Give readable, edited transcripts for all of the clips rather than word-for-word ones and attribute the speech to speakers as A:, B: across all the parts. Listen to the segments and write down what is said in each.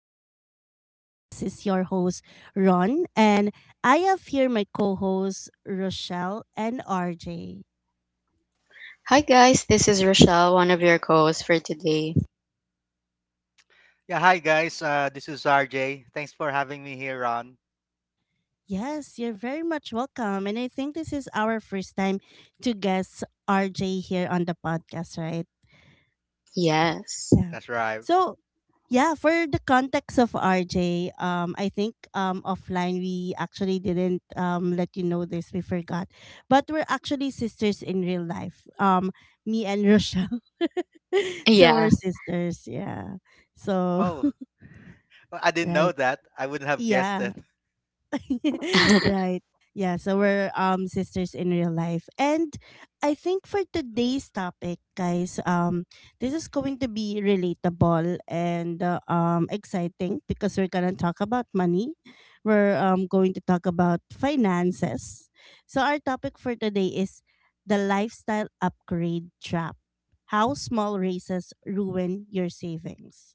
A: Growth Podcast. This is your host, Ron, and I have here my co hosts, Rochelle and RJ.
B: Hi guys, this is Rochelle, one of your co-hosts for today.
C: Yeah, hi guys. This is RJ. Thanks for having me here, Ron.
A: Yes, you're very much welcome. And I think this is our first time to guest RJ here on the podcast, right?
B: Yes.
A: Yeah.
C: That's right.
A: So, yeah, for the context of RJ, I think offline we actually didn't let you know this. We forgot, but we're actually sisters in real life. Me and Rochelle, so
B: Yeah.
A: we're sisters. Yeah. So
C: Oh, well, I didn't
A: right.
C: know that. I wouldn't have guessed
A: Yeah.
C: it.
A: right. Yeah, so we're sisters in real life. And I think for today's topic, guys, this is going to be relatable and exciting because we're going to talk about money. We're going to talk about finances. So our topic for today is the lifestyle upgrade trap. How small raises ruin your savings.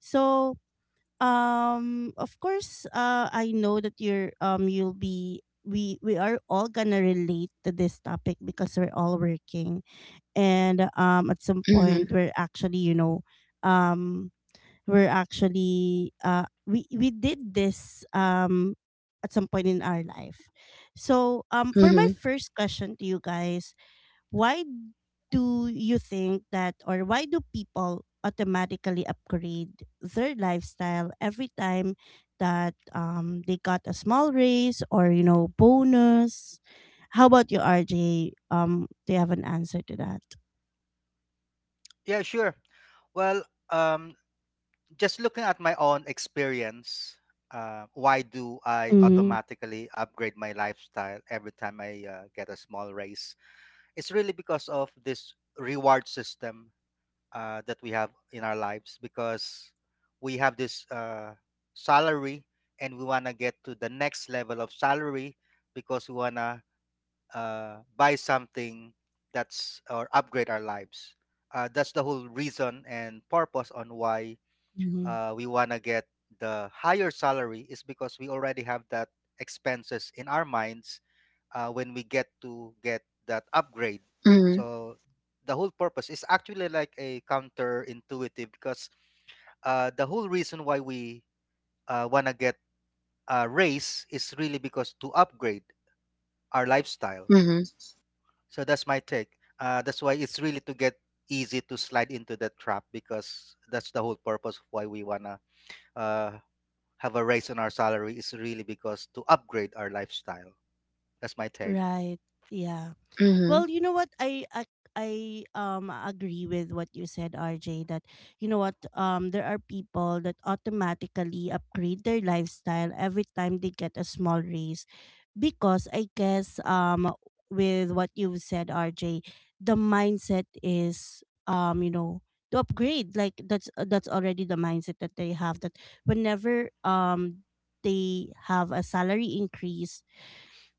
A: So, of course I know that you're you'll be we are all gonna relate to this topic because we're all working and at some
B: Mhm.
A: point we're actually you know um we're actually we did this at some point in our life. So, for my
B: Mhm.
A: first question to you guys, why do you think that, or why do people automatically upgrade their lifestyle every time that they got a small raise or, bonus? How about you, RJ? Do you have an answer to that?
C: Yeah, sure. Well, um, just looking at my own experience, why do I
A: Mm-hmm.
C: automatically upgrade my lifestyle every time I get a small raise? It's really because of this reward system that we have in our lives because we have this salary and we want to get to the next level of salary because we want to buy something that's or upgrade our lives. That's the whole reason and purpose on why we want to get the higher salary is because we already have that expenses in our minds when we get to get that upgrade.
B: Mhm.
C: So the whole purpose is actually like a counterintuitive because the whole reason why we wanna get a raise is really because to upgrade our lifestyle.
B: Mhm.
C: So that's my take. That's why it's really to get easy to slide into that trap because that's the whole purpose of why we wanna uh, have a raise on our salary is really because to upgrade our lifestyle. That's my take.
A: Right. Yeah.
B: Mhm.
A: Well, you know what? I agree with what you said, RJ, that you know what, there are people that automatically upgrade their lifestyle every time they get a small raise because I guess with what you've said, RJ, the mindset is, you know, to upgrade. Like that's already the mindset that they have, that whenever they have a salary increase,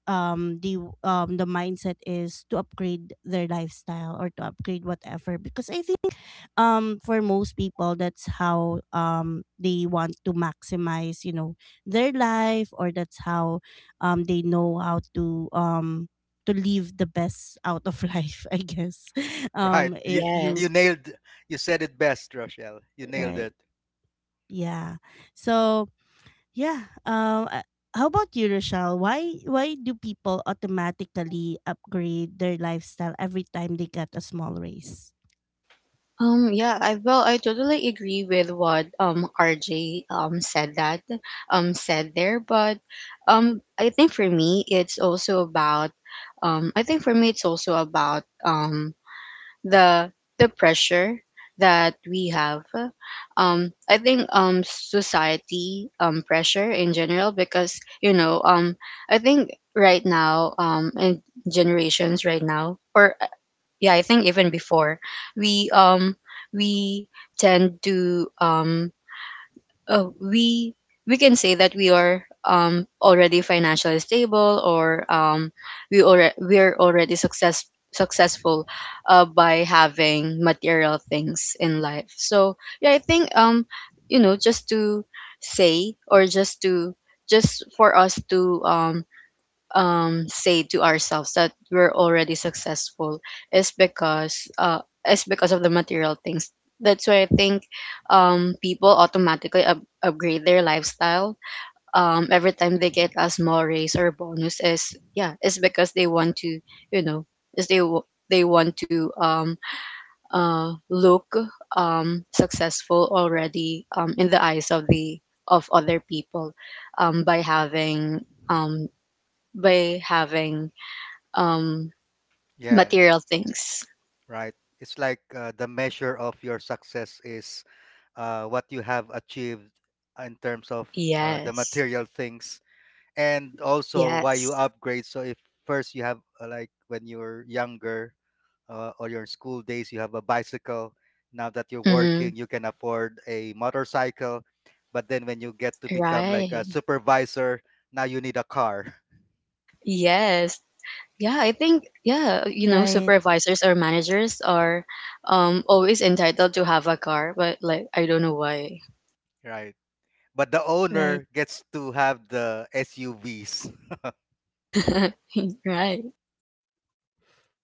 A: um the the mindset is to upgrade their lifestyle or to upgrade whatever, because I think for most people that's how they want to maximize, you know, their life, or that's how they know how to, to leave the best out of life, I guess.
C: Right. You
A: If
B: Yes.
A: you
C: you nailed you said it best, Rochelle. You nailed
A: right.
C: it.
A: Yeah. So. Yeah. How about you, Rochelle? Why do people automatically upgrade their lifestyle every time they get a small raise?
B: Yeah, I well, I totally agree with what RJ said that said there, but I think for me it's also about I think for me it's also about the the pressure that we have. I think society, pressure in general, because I think right now, in generations right now, or yeah, I think even before, we um we tend to, uh, we we can say that we are already financially stable, or we're already successful by having material things in life. So yeah, I think just to say, or just for us to, say to ourselves that we're already successful, is because uh, is because of the material things. That's why I think, people automatically upgrade their lifestyle every time they get a small raise or bonus. Is Yeah, it's because they want to, you know they want to, look successful already, in the eyes of the of other people, by having, um, by having um
C: Yeah, yeah.
B: material things.
C: Right. It's like the measure of your success is what you have achieved in terms of the
B: Yes.
C: material things and also why
B: Yes.
C: you upgrade. So if first you have like when you're younger or your school days you have a bicycle, now that you're
B: Hmm.
C: working you can afford a motorcycle, but then when you get to become like a
B: Right.
C: supervisor, now you need a car.
B: Yes. Yeah, I think, yeah,
A: Right.
B: supervisors or managers are always entitled to have a car, but like, I don't know why.
C: Right. But the
A: Right.
C: owner gets to have the SUVs,
B: Right.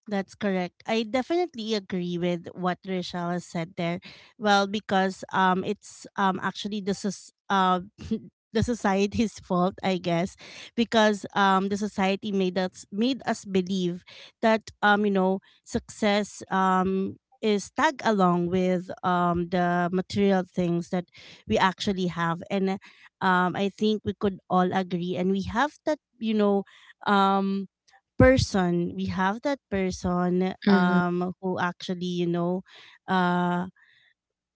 A: That's correct. I definitely agree with what Rochelle has said there. Well, because it's actually the is the society's fault, I guess, because the society made us believe that you know success is tag along with the material things that we actually have. And I think we could all agree, and we have that, um person, we have that person,
B: Mm-hmm.
A: who actually, uh,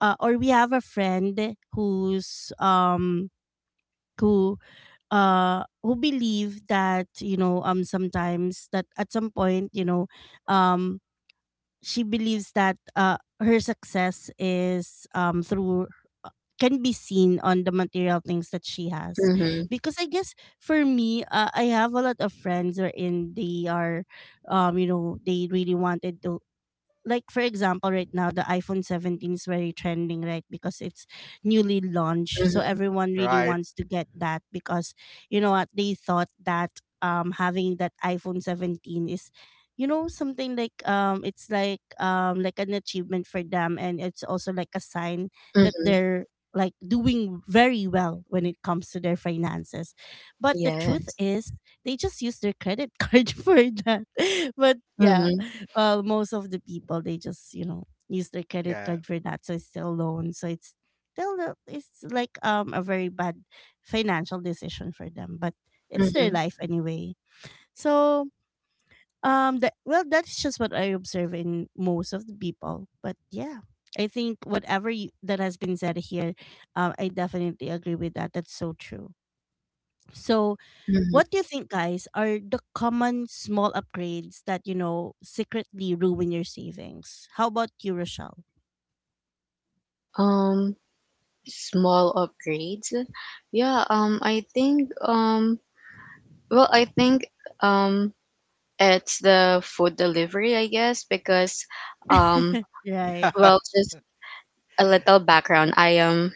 A: or we have a friend who's, who who believe that, sometimes that at some point, um she believes that, her success is, through uh, can be seen on the material things that she has,
B: Mm-hmm.
A: because I guess for me I have a lot of friends wherein they are, you know, they really wanted to, like, for example, right now the iphone 17 is very trending, right, because it's newly launched, so
B: Mm-hmm.
A: everyone really
C: right?
A: wants to get that because you know what, they thought that having that iphone 17 is, you know, something like, it's like an achievement for them, and it's also like a sign that
B: Mm-hmm.
A: they're, like, doing very well when it comes to their finances, but the truth
B: Yes.
A: is they just use their credit card for that. But yeah,
B: Mm-hmm.
A: well, most of the people, they just, you know, use their credit
C: Yeah,
A: card for that, so it's still loan. So it's still it's like a very bad financial decision for them, but it's their
B: Mm-hmm.
A: life anyway. So that's just what I observe in most of the people. But yeah, I think whatever that has been said here, I definitely agree with that. That's so true. So
B: Mm-hmm.
A: what do you think, guys, are the common small upgrades that, you know, secretly ruin your savings? How about you, Rochelle?
B: Um, Small upgrades. Yeah. I think. Well, I think. Um, it's the food delivery, I guess, because, um,
A: Right.
B: well, just a little background. I am,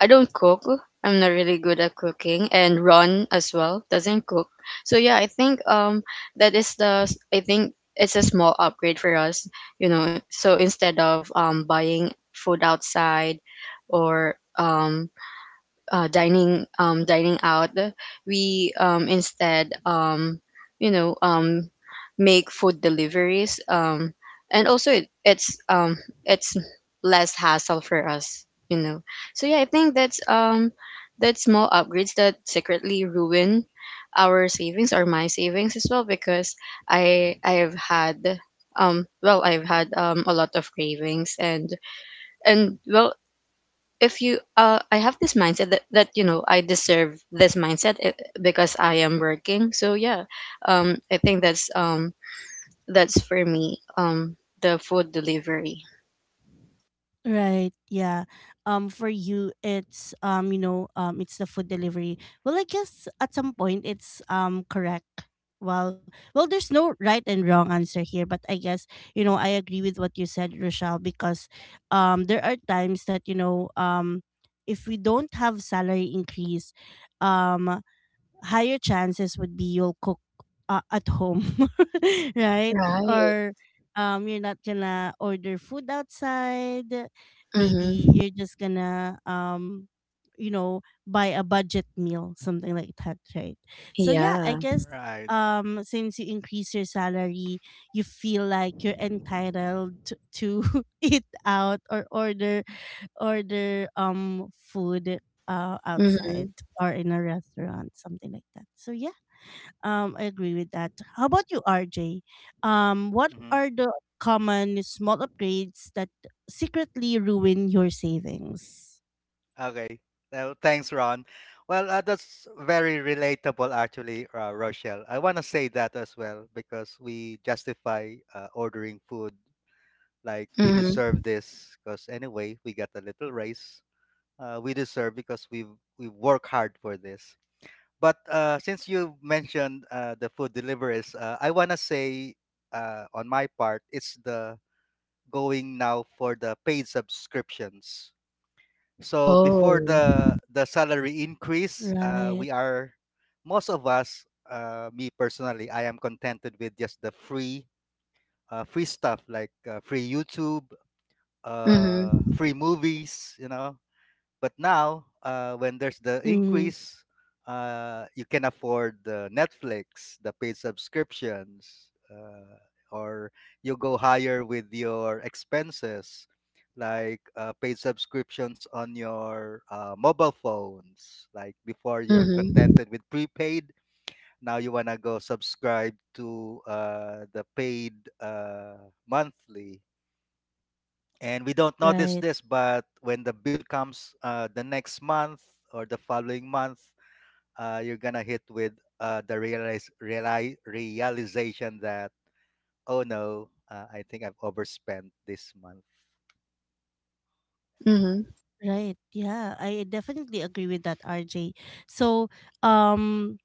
B: I don't cook. I'm not really good at cooking, and Ron as well doesn't cook. So yeah, I think that is the s- I think it's a small upgrade for us. So instead of buying food outside, or dining, dining out, we, instead, you know um, make food deliveries, and also it's it's less hassle for us, you know. So yeah, I think that's, that's small upgrades that secretly ruin our savings, or my savings as well, because I have had, well I've had a lot of cravings, and well, if you I have this mindset that, I deserve this mindset, because I am working. So yeah, I think that's, that's for me, the food delivery.
A: Right. Yeah. For you, it's, it's the food delivery. Well, I guess at some point it's correct. Well, there's no right and wrong answer here, but I guess, you know, I agree with what you said, Rochelle, because there are times that, if we don't have salary increase, um higher chances would be you'll cook at home, right?
B: Right.
A: Or, you're not gonna order food outside. Maybe
B: Mm-hmm.
A: you're just gonna, you know, buy a budget meal, something like that, right? So yeah, I
B: Yeah.
A: guess,
C: right.
A: since you increase your salary, you feel like you're entitled to, to eat out or order food outside
B: Mm-hmm.
A: or in a restaurant, something like that. So yeah, I agree with that. How about you, RJ? What
C: Hmm.
A: are the common small upgrades that secretly ruin your savings?
C: Okay. Well, thanks, Ron. Well, that's very relatable, actually, Rochelle. I want to say that as well because we justify ordering food like we
B: Mm-hmm.
C: deserve this because anyway, we got a little raise. We deserve because we work hard for this. But since you mentioned the food deliveries, I wanna say on my part, it's the going now for the paid subscriptions. So before
B: Oh.
C: the salary increase,
A: Right.
C: we are most of us, me personally, I am contented with just the free free stuff like free YouTube,
B: Mm-hmm.
C: free movies, you know, but now, when there's the
A: Mm,
C: increase, you can afford the Netflix, the paid subscriptions, or you go higher with your expenses, like paid subscriptions on your mobile phones. Like before, you're
B: Mm-hmm.
C: contented with prepaid. Now you wanna go subscribe to the paid monthly and we don't notice
A: right.
C: this, but when the bill comes the next month or the following month, you're gonna hit with the realize, reali realization that oh no, I think I've overspent this month.
B: Mm-hmm.
A: Right. Yeah, I definitely agree with that, RJ. So, um,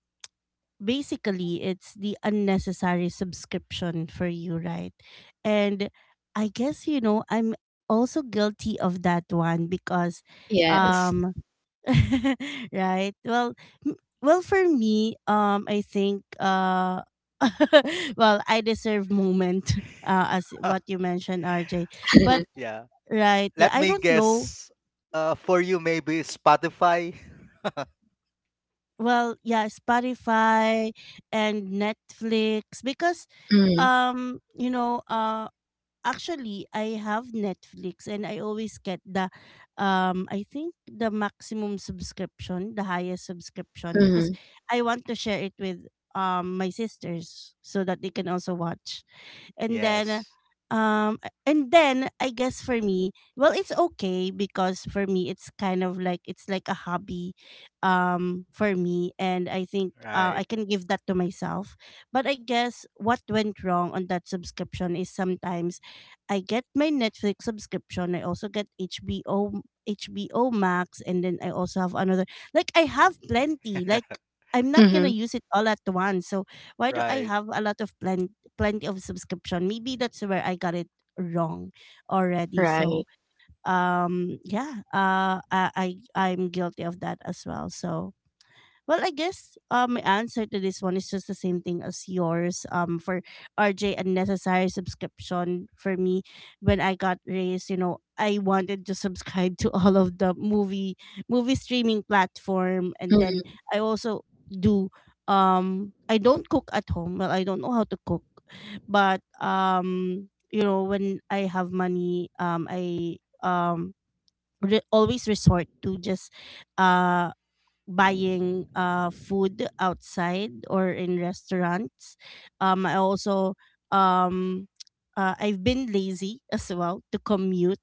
A: basically it's the unnecessary subscription for you, right? And I guess, you know, I'm also guilty of that one because
B: Yes.
A: um right, well, m- well, for me, I think well, I deserve moment. As what you mentioned, RJ, but
C: Yeah.
A: right, yeah,
C: Let
A: I
C: me
A: don't know.
C: guess. For you, maybe Spotify.
A: Well, yeah, Spotify and Netflix, because
B: Mm-hmm.
A: you know, actually, I have Netflix, and I always get the, I think, the maximum subscription, the highest subscription because I want to share it with my sisters so that they can also watch, and then
C: Yes.
A: um and then I guess for me, well, it's okay because for me it's kind of like it's like a hobby for me, and I think I
C: Right.
A: can give that to myself. But I guess what went wrong on that subscription is sometimes I get my Netflix subscription, I also get HBO Max, and then I also have another, like, I have plenty, like, I'm not gonna
B: Mm-hmm.
A: use it all at once. So why do I
C: Right.
A: have a lot of plenty of subscription? Maybe that's where I got it wrong already.
B: Right.
A: So, yeah, I'm guilty of that as well. So, well, I guess, my answer to this one is just the same thing as yours. For RJ, unnecessary subscription for me when I got raised. You know, I wanted to subscribe to all of the movie streaming platform, and then
B: Mm-hmm.
A: I also do. I don't cook at home. Well, I don't know how to cook, but, you know, when I have money, I um always resort to just uh buying food outside or in restaurants. I also, um I've been lazy as well to commute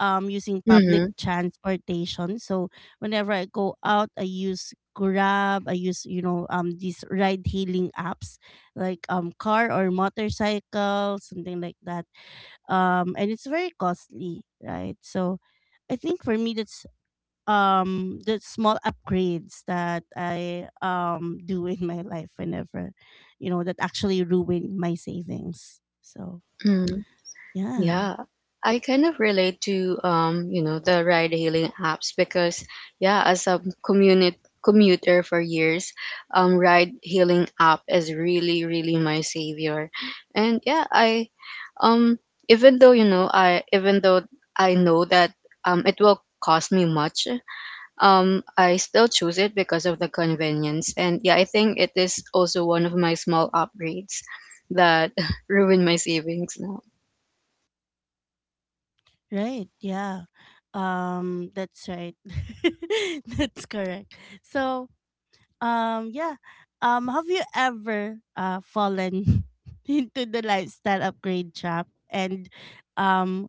A: using public
B: Mm-hmm.
A: transportation. So whenever I go out, I use Grab. I use, you know, these ride hailing apps, like, car or motorcycle, something like that. And it's very costly, right? So I think for me that's the small upgrades that I do in my life whenever, you know, that actually ruin my savings. So yeah,
B: Yeah, I kind of relate to, the ride-hailing apps, because yeah, as a community commuter for years, ride-hailing app is really, really my savior. And yeah, I, um, even though I know that, it will cost me much, I still choose it because of the convenience. And yeah, I think it is also one of my small upgrades that ruin my savings.
A: right, yeah. That's right. That's correct. So, yeah. Have you ever fallen into the lifestyle upgrade trap, and um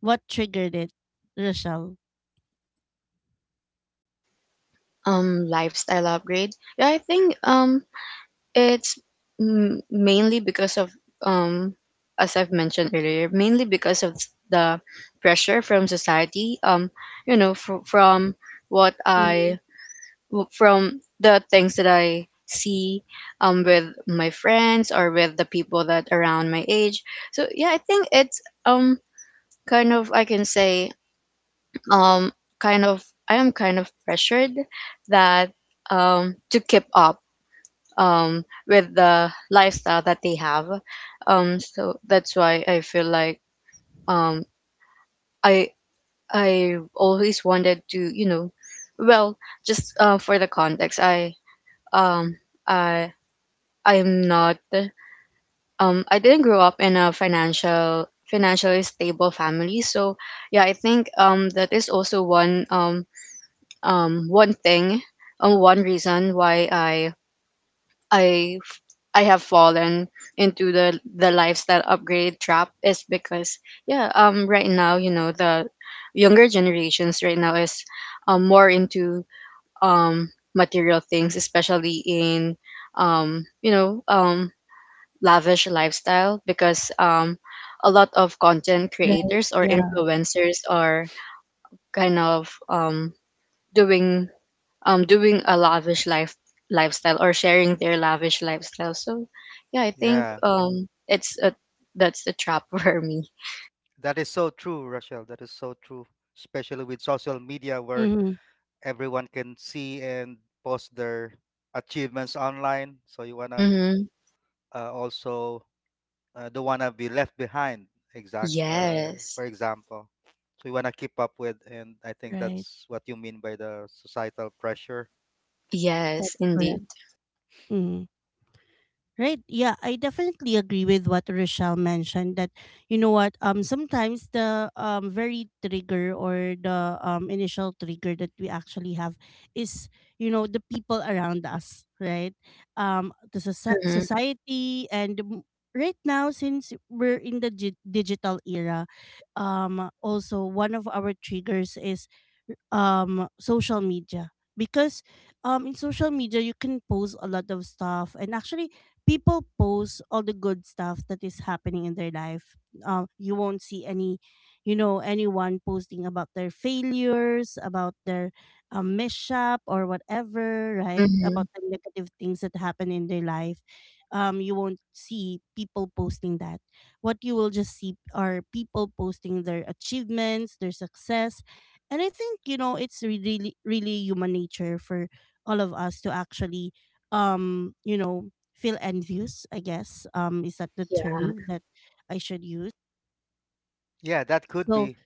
A: what triggered it, Rochelle?
B: Lifestyle upgrade. Yeah, I think it's mainly because of, um as I've mentioned earlier, mainly because of the pressure from society, from what
A: Hmm.
B: from the things that I see, with my friends, or with the people that around my age. So yeah, I think it's kind of, I can say, um kind of, I am kind of pressured, that to keep up with the lifestyle that they have. So that's why I feel like, um I I always wanted to, well, just for the context, um I I'm not I didn't grow up in a financially stable family. So yeah, I think that is also one, one thing, or one reason why I I have fallen into the lifestyle upgrade trap, is because yeah, right now, the younger generations right now is, more into um material things, especially in um you know um lavish lifestyle, because a lot of content
A: Right.
B: creators or
A: Yeah.
B: influencers are kind of doing, doing a lavish lifestyle, or sharing their lavish lifestyle. So yeah, I think
C: Yeah,
B: it's a that's the trap for me.
C: that is so true, Rachel. That is so true, especially with social media where
A: Hmm.
C: everyone can see and post their achievements online. So you wanna
B: Mm-hmm.
C: also don't wanna be left behind. Exact. Uh,
B: Yes.
C: for example, so you wanna keep up with, and I think
A: Right.
C: that's what you mean by the societal pressure.
B: Yes,
A: That's correct.
B: indeed.
A: Mhm. Right. Yeah, I definitely agree with what Rochelle mentioned that you know what, sometimes the very trigger or the initial trigger that we actually have is, you know, the people around us, right? The
B: Mm-hmm.
A: society and right now, since we're in the digital era, also one of our triggers is social media because in social media you can post a lot of stuff, and actually people post all the good stuff that is happening in their life. You won't see any, you know, anyone posting about their failures, about their mishap or whatever, right?
B: Mm-hmm.
A: About the negative things that happen in their life. You won't see people posting that. What you will just see are people posting their achievements, their success. And I think, you know, it's really, really human nature for all of us to actually, you know, feel envious, I guess. Is that the term that I should use?
C: Yeah, that could
A: So
C: be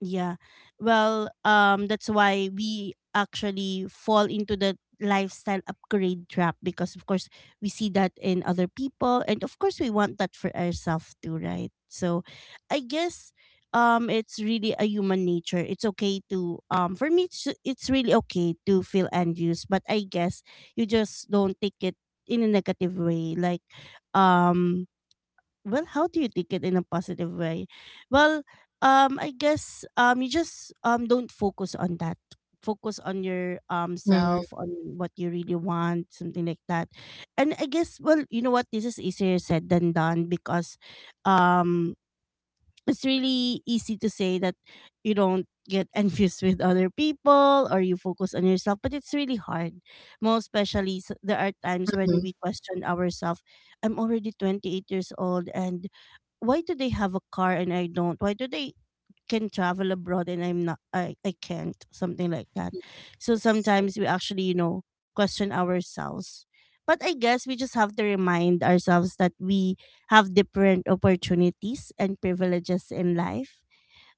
A: yeah, well, that's why we actually fall into the lifestyle upgrade trap because of course we see that in other people, and of course we want that for ourselves too, right? So I guess it's really a human nature. It's okay to for me it's really okay to feel envious, but I guess you just don't take it in a negative way. Um how do you take it in a positive way? Well, I guess you just don't focus on that, focus on your
B: Yeah. Mm-hmm.
A: self, on what you really want, something like that. And I guess, well, you know what, this is easier said than done because um it's really easy to say that you don't get envious with other people or you focus on yourself, but it's really hard, most especially there are times when
B: Mm-hmm.
A: we question ourselves. I'm already 28 years old and why do they have a car and I don't? Why do they can travel abroad and I'm not? I can't, something like that. So
B: Yes.
A: sometimes we actually, you know, question ourselves. But I guess we just have to remind ourselves that we have different opportunities and privileges in life.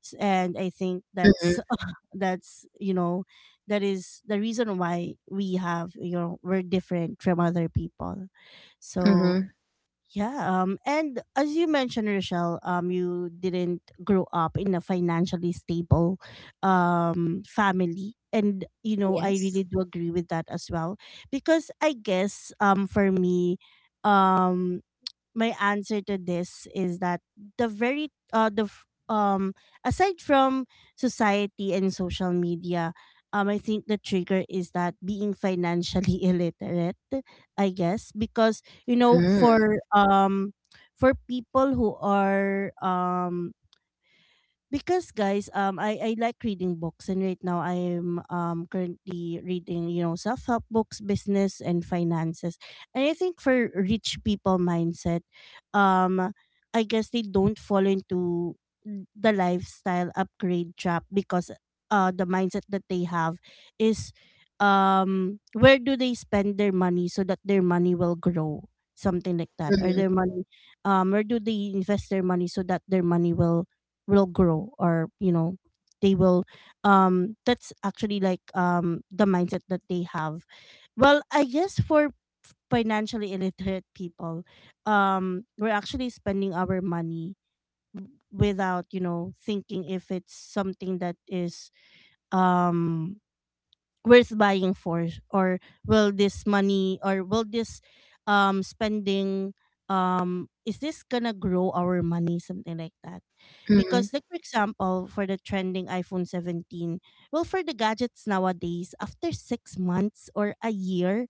A: And I think
B: Mm-hmm.
A: that's that's, you know, that is the reason why we have, you know, we're different from other people.
B: Mm-hmm.
A: So yeah. And as you mentioned, Rochelle, you didn't grow up in a financially stable, family, and you know I
B: Yes.
A: really do agree with that as well, because I guess for me, um my answer to this is that the very the aside from society and social media, I think the trigger is that being financially illiterate, I guess, because you know
B: Mm-hmm.
A: for people who are because guys, I like reading books and right now I'm currently reading, you know, self-help books, business and finances, and I think for rich people mindset, um I guess they don't fall into the lifestyle upgrade trap because the mindset that they have is, where do they spend their money so that their money will grow, something like that? Or
B: Mm-hmm.
A: their money, where do they invest their money so that their money will grow, or you know they will, that's actually like the mindset that they have. Well, I guess for financially illiterate people, we're actually spending our money without, you know, thinking if it's something that is um worth buying for, or will this money, or will this spending, is this gonna grow our money, something like that?
B: Mm-hmm.
A: Because, like for example, for the trending iPhone 17, well, for the gadgets nowadays, after 6 months or a year,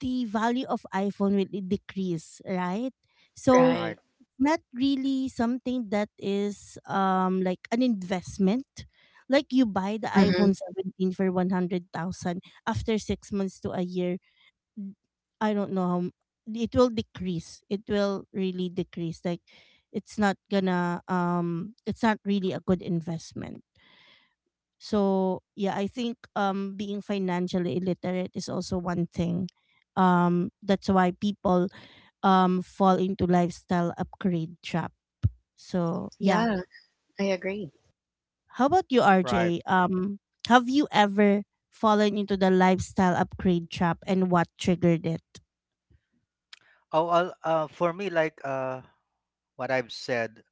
A: the value of iPhone will decrease, right? So
B: Right.
C: right.
A: not really something that is like an investment. Like you buy the
B: Mm-hmm.
A: iPhone 17 for 100,000, after 6 months to a year, n- I don't know how it will decrease. It will really decrease. Like it's not gonna it's not really a good investment. So yeah, I think being financially illiterate is also one thing. That's why people fall into lifestyle upgrade trap, so yeah.
B: Yeah, I agree.
A: How about you,
C: Right.
A: RJ? Have you ever fallen into the lifestyle upgrade trap, and what triggered it?
C: Oh, I'll, for me, like what I've said.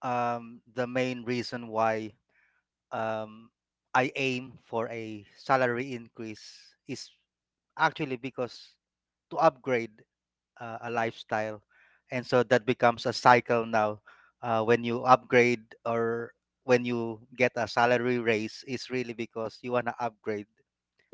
C: The main reason why um, I aim for a salary increase is actually because to upgrade a lifestyle, and so that becomes a cycle now. When you upgrade or when you get a salary raise, is really because you wanna upgrade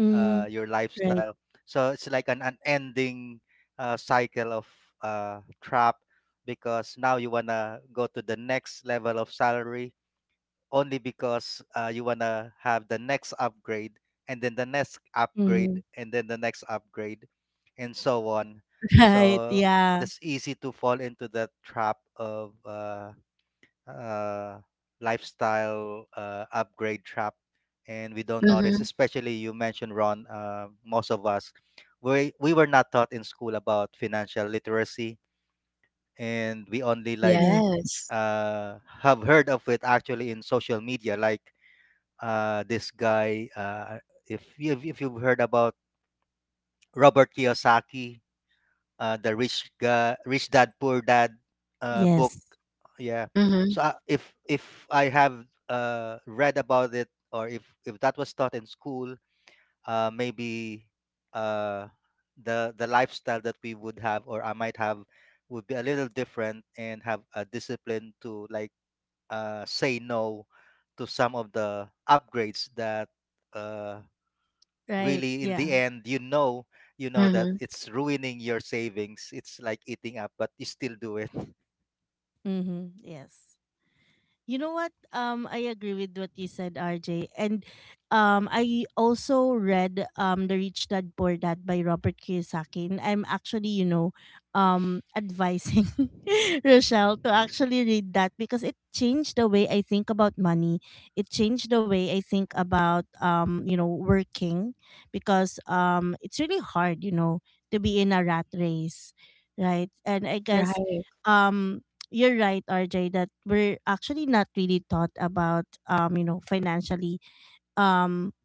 A: Mm,
C: your
A: right.
C: lifestyle. So it's like an unending cycle of trap because now you wanna go to the next level of salary only because you want to have the next upgrade and then the next
A: Mm-hmm.
C: upgrade and then the next upgrade and so on
A: Right.
C: so
A: Yeah.
C: that's easy to fall into the trap of uh, lifestyle upgrade trap and we don't notice
B: Mm-hmm.
C: especially you mentioned Ron, most of us we were not taught in school about financial literacy and we only like
A: Yes.
B: Yes.
C: have heard of it actually in social media like this guy. If you've heard about Robert Kiyosaki, the rich guy, Rich Dad Poor Dad book,
A: Yes.
C: yeah.
B: Mm-hmm.
C: So if I have read about it, or if that was taught in school, maybe uh, the lifestyle that we would have, or I might have, would be a little different and have a discipline to like say no to some of the upgrades that uh,
A: Right.
C: really in the
A: Yeah.
C: end you know that
B: Mm-hmm.
C: it's ruining your savings. It's like eating up but you still do it.
A: Mm-hmm. Yes. You know what? I agree with what you said, RJ. And I also read, The Rich Dad Poor Dad by Robert Kiyosaki. And I'm actually, you know, advising Rochelle to actually read that because it changed the way I think about money. It changed the way I think about, you know, working because it's really hard, you know, to be in a rat race, right? And I guess
B: Right.
A: um you're right, RJ, that we're actually not really taught about you know, financially. Um,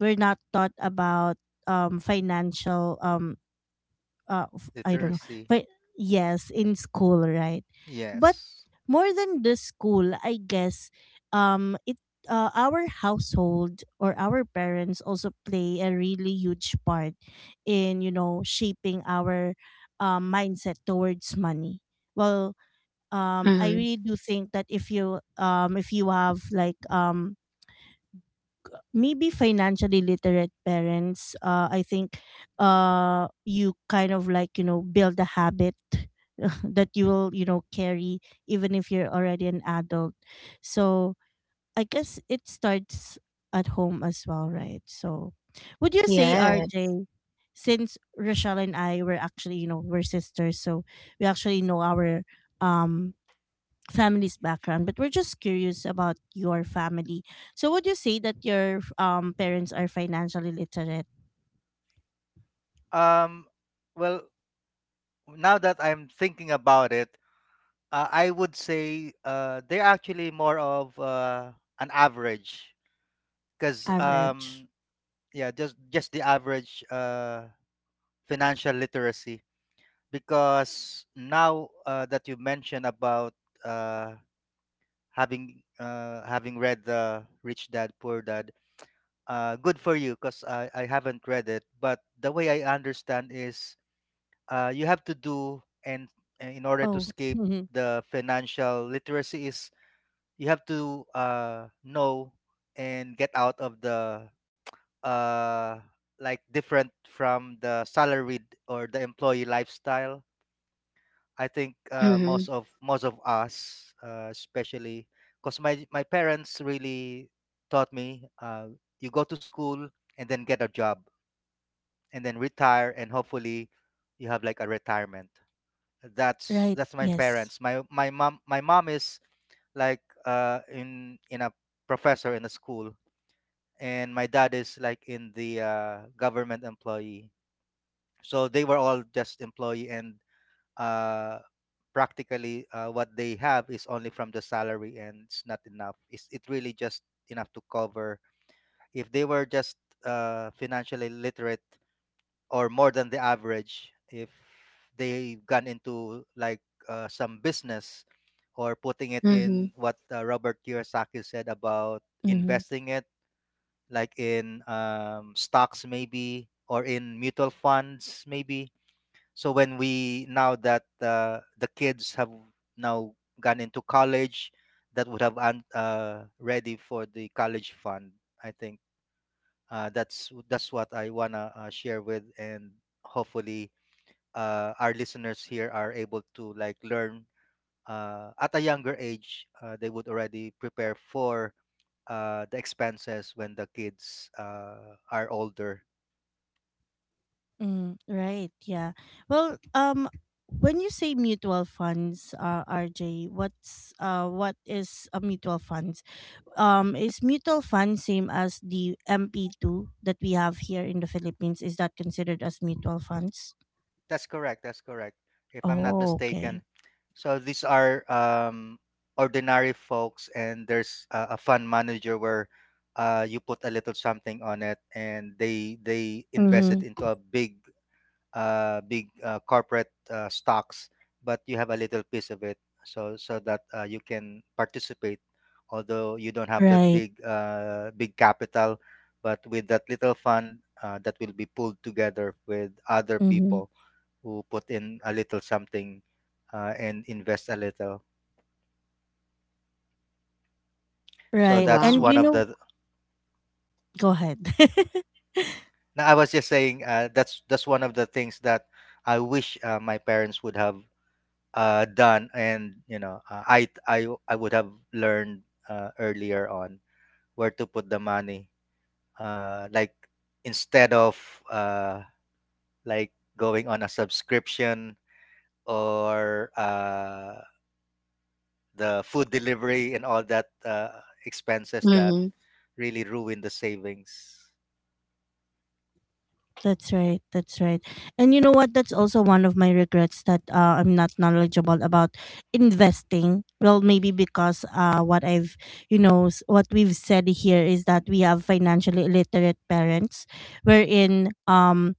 A: we're not taught about financial I don't know.
C: Literacy,
A: But yes, in school, right? But
C: yes.
A: more than the school, I guess it our household or our parents also play a really huge part in, you know, shaping our, mindset towards money. Well, I
B: Mm-hmm.
A: really do think that if you have like, maybe financially literate parents, I think you kind of like, you know, build a habit that you will, you know, carry even if you're already an adult. So I guess it starts at home as well, right? So would you say,
B: Yes.
A: RJ, since Rochelle and I were actually, you know, we're sisters, so we actually know our um family's background, but we're just curious about your family. So would you say that your parents are financially literate?
C: Um well now that I'm thinking about it, I would say they're actually more of an average because
A: Average.
C: yeah just the average financial literacy because now that you mentioned about uh. having having read the Rich Dad Poor Dad, good for you because I haven't read it. But the way I understand is you have to do and in order to
A: Oh,
C: escape
A: mhm.
C: the financial literacy is you have to know and get out of the uh, like different from the salaried or the employee lifestyle. I think
B: Mm-hmm.
C: most of us, especially, because my parents really taught me, you go to school and then get a job and then retire and hopefully you have like a retirement. That's
A: Right.
C: that's my
A: Yes.
C: parents. My mom is like in a professor in a school, and my dad is like in the government employee. So they were all just employee and uh, practically what they have is only from the salary and it's not enough. It's it really just enough to cover if they were just financially literate or more than the average if they gone into like some business or putting it
B: Mm-hmm.
C: in what Robert Kiyosaki said about
A: Mm-hmm.
C: investing it like in stocks maybe or in mutual funds maybe so when we now that the kids have now gone into college, that would have ready for the college fund. I think that's what I wanna share with, and hopefully our listeners here are able to like learn at a younger age. They would already prepare for the expenses when the kids are older.
A: Mm, right. Yeah. Well, when you say mutual funds, RJ, what's what is a mutual funds? Is mutual fund same as the MP two that we have here in the Philippines? Is that considered as mutual funds?
C: That's correct. That's correct. If I'm not
A: Oh, okay.
C: mistaken. So these are ordinary folks, and there's a fund manager where you put a little something on it, and they invest it
A: Mm-hmm.
C: into a big corporate stocks, but you have a little piece of it, so so that you can participate, although you don't have that
A: Right.
C: big big capital, but with that little fund that will be pulled together with other
A: Mm-hmm.
C: people who put in a little something and invest a little. So
A: Right.
C: that's
A: And
B: Wow.
C: one
A: you
C: of
A: know,
C: the.
A: go ahead.
C: Now I was just saying that's one of the things that I wish my parents would have done, and you know I would have learned earlier on where to put the money, like instead of uh, like going on a subscription or the food delivery and all that expenses that
B: Mhm.
C: really ruin the savings.
A: That's right. That's right. And you know what? That's also one of my regrets that I'm not knowledgeable about investing. Well, maybe because what I've, you know, what we've said here is that we have financially illiterate parents, wherein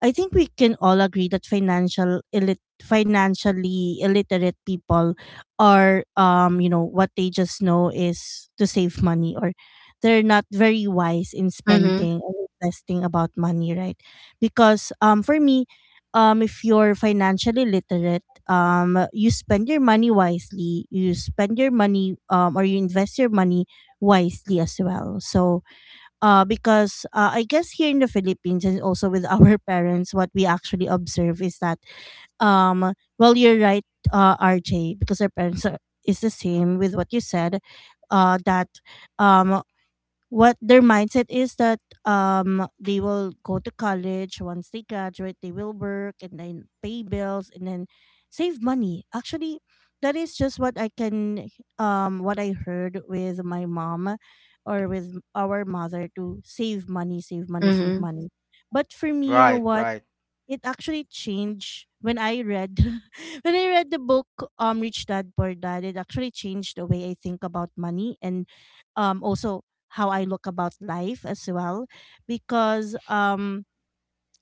A: I think we can all agree that financial financially illiterate people are, you know, what they just know is to save money, or they're not very wise in
B: Mhm.
A: spending and investing about money, right? Because for me, if you're financially literate, you spend your money wisely, you spend your money, or you invest your money wisely as well. So because I guess here in the Philippines and also with our parents, what we actually observe is that, um, well, you're right, RJ, because our parents are, is the same with what you said, that um, what their mindset is that they will go to college, once they graduate they will work, and then pay bills, and then save money. Actually that is just what I can what I heard with my mom, or with our mother, to save money, save money, save
B: Mhm.
A: money. But for me, you know
C: Right,
A: what,
C: right,
A: it actually changed when I read when I read the book, Rich Dad Poor Dad. It actually changed the way I think about money and also how I look about life as well, because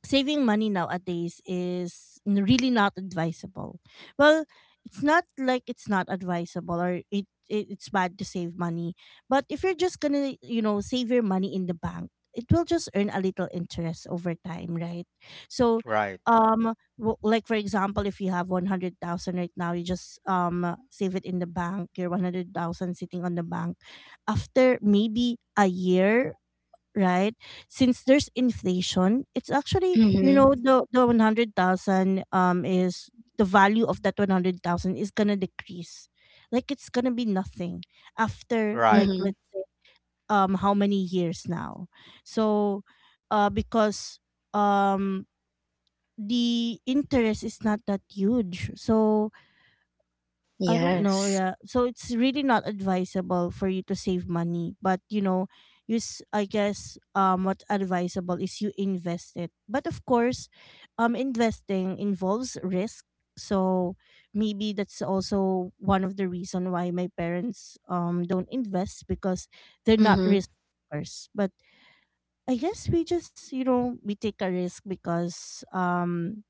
A: saving money nowadays is really not advisable. Well, it's not like it's not advisable, or it's bad to save money. But if you're just gonna, you know, save your money in the bank, it will just earn a little interest over time, right? So
C: right,
A: um like for example, if you have 100,000 right now, you just save it in the bank, your 100,000 sitting on the bank after maybe a year, right? Since there's inflation, it's actually, you
B: Mhm.
A: know, the 100,000 is the value of that 100,000 is gonna decrease, like it's gonna be nothing after
C: right,
A: like,
B: Mhm.
A: let's say how many years now, so, because um the interest is not that huge, so I don't know,
B: Yes.
A: yeah. So it's really not advisable for you to save money, but you know, you I guess what's advisable is you invest it. But of course, investing involves risk. So maybe that's also one of the reason why my parents don't invest, because they're not
B: Mhm.
A: riskers. But I guess we just, you know, we take a risk because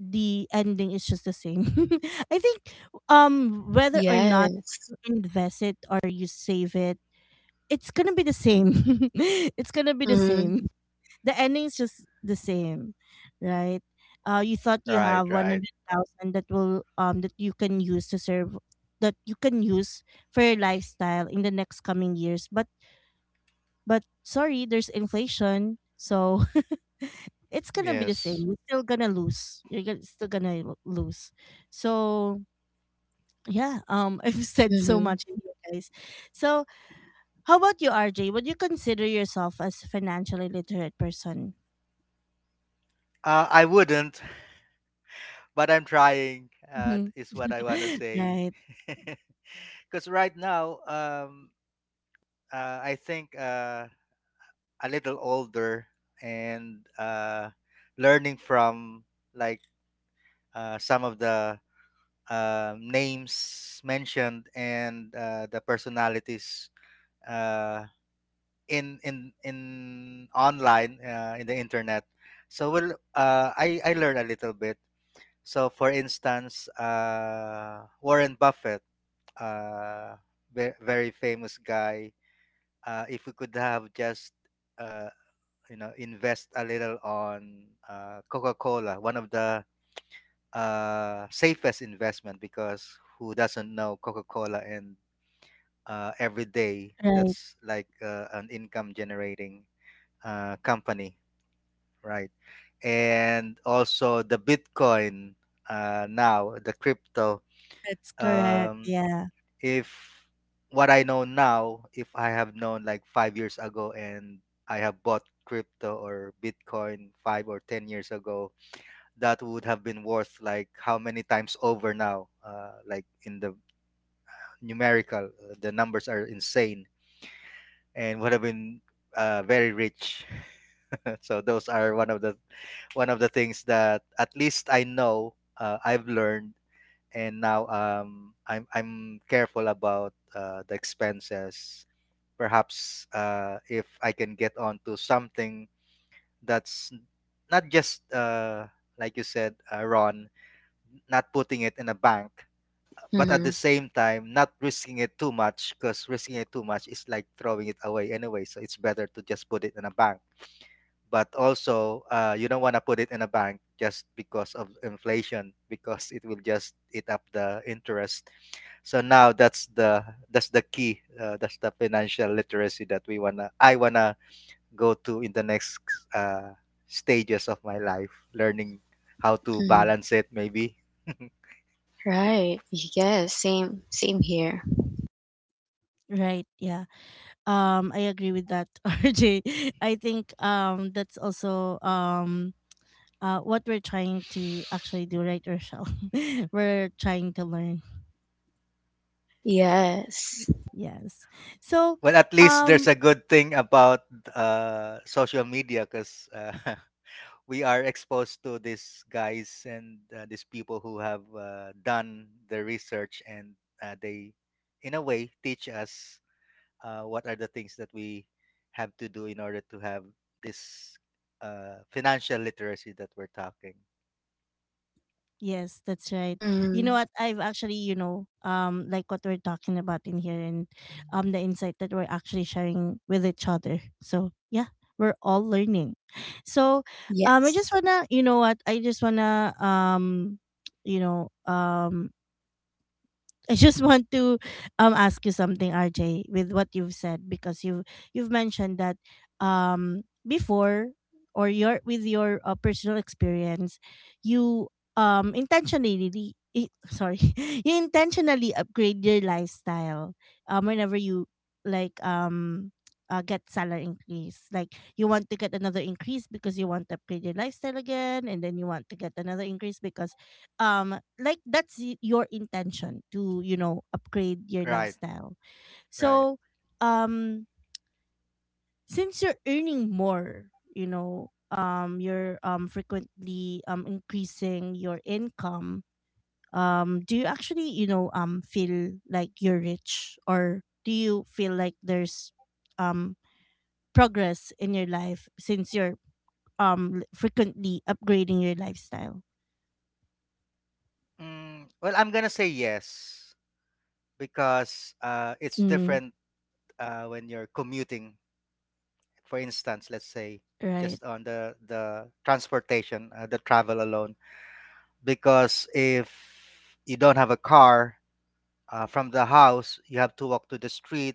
A: the ending is just the same. I think whether or not
B: Yes.
A: you invest it or you save it, it's gonna be the same. It's gonna be the
B: Mhm.
A: same. The ending is just the same, right? You thought you
C: right,
A: have one
C: right.
A: hundred thousand that will that you can use to serve, that you can use for your lifestyle in the next coming years, but sorry, there's inflation, so it's gonna be the
C: Yes.
A: same. You're still gonna lose. You're gonna, still gonna lo- lose. So yeah, I've said so
B: Mhm.
A: much in here, guys. So how about you, RJ? Would you consider yourself as a financially literate person?
C: I wouldn't, but I'm trying,
A: Hmm.
C: is what I want to say.
A: Right,
C: Because right now, I think a little older and learning from like some of the names mentioned and the personalities. Uh, in online in the internet, so we'll I learned a little bit. So for instance, Warren Buffett, uh very famous guy, if we could have just uh you know invest a little on Coca-Cola, one of the safest investment because who doesn't know Coca-Cola, and every day
A: right.
C: that's like an income generating company, right? And also the Bitcoin now, the crypto.
A: That's correct.
C: Um,
A: Yeah.
C: if what I know now, if I have known like five years ago and I have bought crypto or Bitcoin five or ten years ago, that would have been worth like how many times over now? Like in the numerical, the numbers are insane and would have been very rich. So those are one of the things that at least I know I've learned, and now I'm careful about the expenses. Perhaps if I can get onto something that's not just like you said, Ron, not putting it in a bank, but at the
B: Mhm.
C: same time not risking it too much, because risking it too much is like throwing it away anyway. So it's better to just put it in a bank, but also you don't want to put it in a bank just because of inflation, because it will just eat up the interest. So now that's the key, that's the financial literacy that we wanna I wanna go to in the next uh, stages of my life, learning how to
B: Mhm.
C: balance it maybe.
B: Right. Yes. Same. Same here.
A: Right, yeah. I agree with that, RJ. I think that's also what we're trying to actually do, right, Rochelle? We're trying to learn.
B: Yes.
A: Yes. So,
C: Well, at least there's
A: um,
C: a good thing about social media, because we are exposed to these guys, and these people who have done the research, and they in a way teach us what are the things that we have to do in order to have this financial literacy that we're talking.
A: yes, that's right. You know
B: Mhm.
A: what? I've actually, you know, like what we're talking about in here and the insight that we're actually sharing with each other. So, yeah, we're all learning. So, I
B: Yes.
A: just wanna, you know what? You know, um, I just want to ask you something, RJ, with what you've said because you've mentioned that before or your with your personal experience. you Sorry. You intentionally upgrade your lifestyle whenever you like get salary increase, like you want to get another increase because you want to upgrade your lifestyle again, and then you want to get another increase because like that's your intention to upgrade your
C: Right.
A: lifestyle.
C: right
A: So um since you're earning more, you're frequently increasing your income. Do you actually feel like you're rich? Or do you feel like there's um progress in your life since you're frequently upgrading your lifestyle?
C: mm, well, I'm gonna say yes, because it's
A: Mm,
C: different when you're commuting. For instance, let's say
A: right.
C: just on the transportation, the travel alone, because if you don't have a car, from the house, you have to walk to the street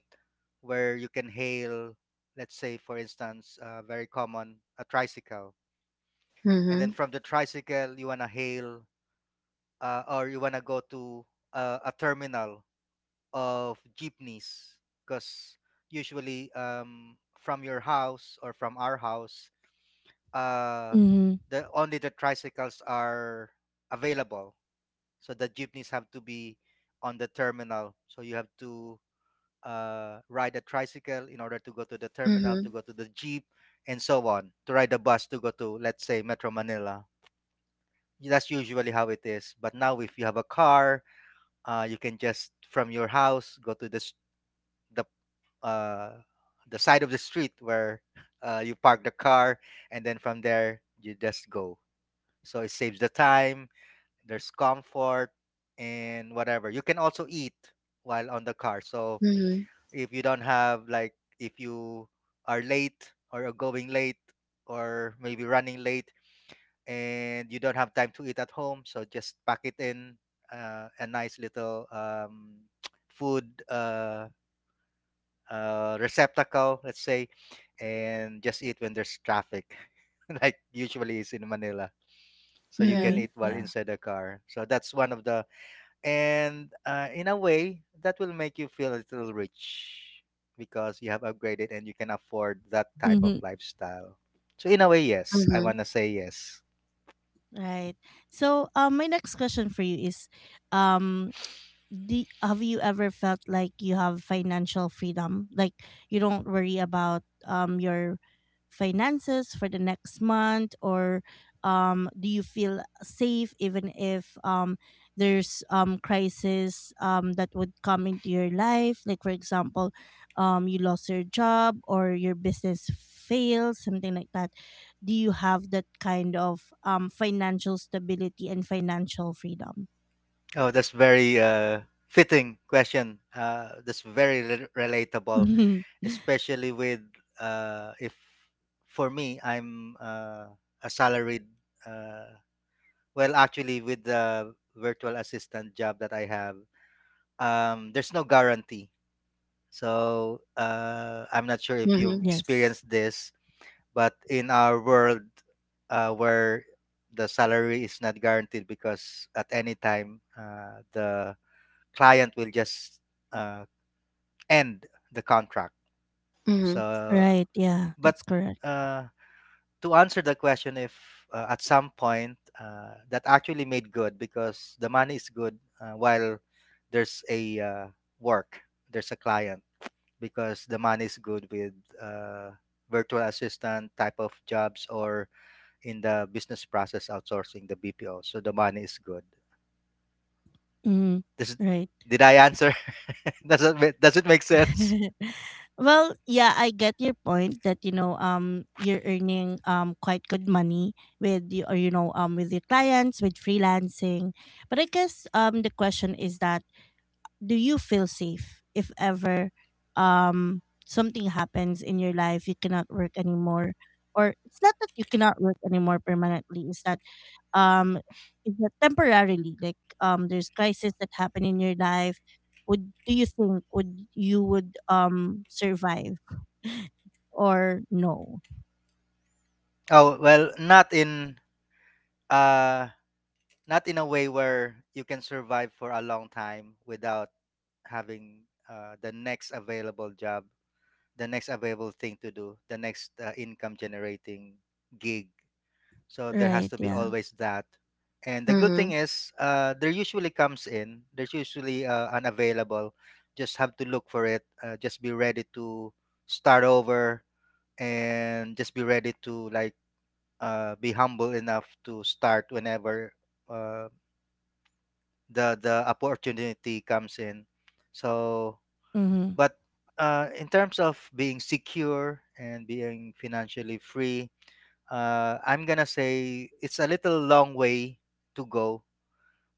C: where you can hail, let's say, for instance, very common, a tricycle. And then
B: Mhm.
C: from the tricycle, you want to hail, or you want to go to a terminal of jeepneys, because usually from your house or from our house, uh,
A: Mm-hmm.
C: the only the tricycles are available, so the jeepneys have to be on the terminal, so you have to ride a tricycle in order to go to the terminal
B: Mhm.
C: to go to the jeep and so on, to ride a bus to go to, let's say, Metro Manila. That's usually how it is. But now if you have a car, you can just from your house go to the uh, the side of the street where you park the car, and then from there you just go. So it saves the time, there's comfort and whatever. You can also eat while on the car. So
B: Mhm.
C: if you don't have, like if you are late or are going late or maybe running late and you don't have time to eat at home, so just pack it in a nice little food receptacle, let's say, and just eat when there's traffic, like usually is in Manila. So you can
B: Mhm.
A: Right.
C: eat while
A: Yeah.
C: inside the car. So that's one of the. And in a way that will make you feel a little rich because you have upgraded and you can afford that type of
A: Mm-hmm.
C: lifestyle, so in a way yes, I want to say yes.
A: Right. So, my next question for you is, um, have you ever felt like you have financial freedom, like you don't worry about your finances for the next month? Or do you feel safe even if there's crisis that would come into your life, like for example you lost your job or your business fails, something like that? Do you have that kind of financial stability and financial freedom?
C: Oh, that's very fitting question, that's very relatable, especially with if for me, I'm a salaried, uh, well, actually with the virtual assistant job that I have, there's no guarantee. So I'm not sure if you've
B: Mhm.
A: Yes.
C: experienced this, but in our world where the salary is not guaranteed, because at any time the client will just uh, end the contract.
B: Mhm.
C: So,
A: Right. Yeah,
C: but
A: that's correct.
C: uh, to answer the question, if at some point that actually made good, because the money is good while there's a work, there's a client, because the money is good with uh, virtual assistant type of jobs or in the business process outsourcing, the BPO. So the money is good.
A: Mm,
C: Does it,
A: right.
C: did I answer? Does it does it make sense?
A: Well, yeah, I get your point that you're earning quite good money with you, or with your clients with freelancing. But I guess the question is that, do you feel safe if ever something happens in your life you cannot work anymore? Or it's not that you cannot work anymore permanently. Um is that temporarily, like there's crisis that happen in your life? Would, do you think, would you would survive? Or no?
C: Oh well, not in uh not in a way where you can survive for a long time without having the next available job, the next available thing to do, the next income generating gig. So there has
A: Right.
C: to be
A: Yeah.
C: always that. And the good
B: Mhm.
C: thing is, there usually comes in. There's usually unavailable. Just have to look for it. Just be ready to start over, and just be ready to like be humble enough to start whenever uh, the opportunity comes in. So,
A: Mm-hmm.
C: but in terms of being secure and being financially free, I'm gonna say it's a little long way to go.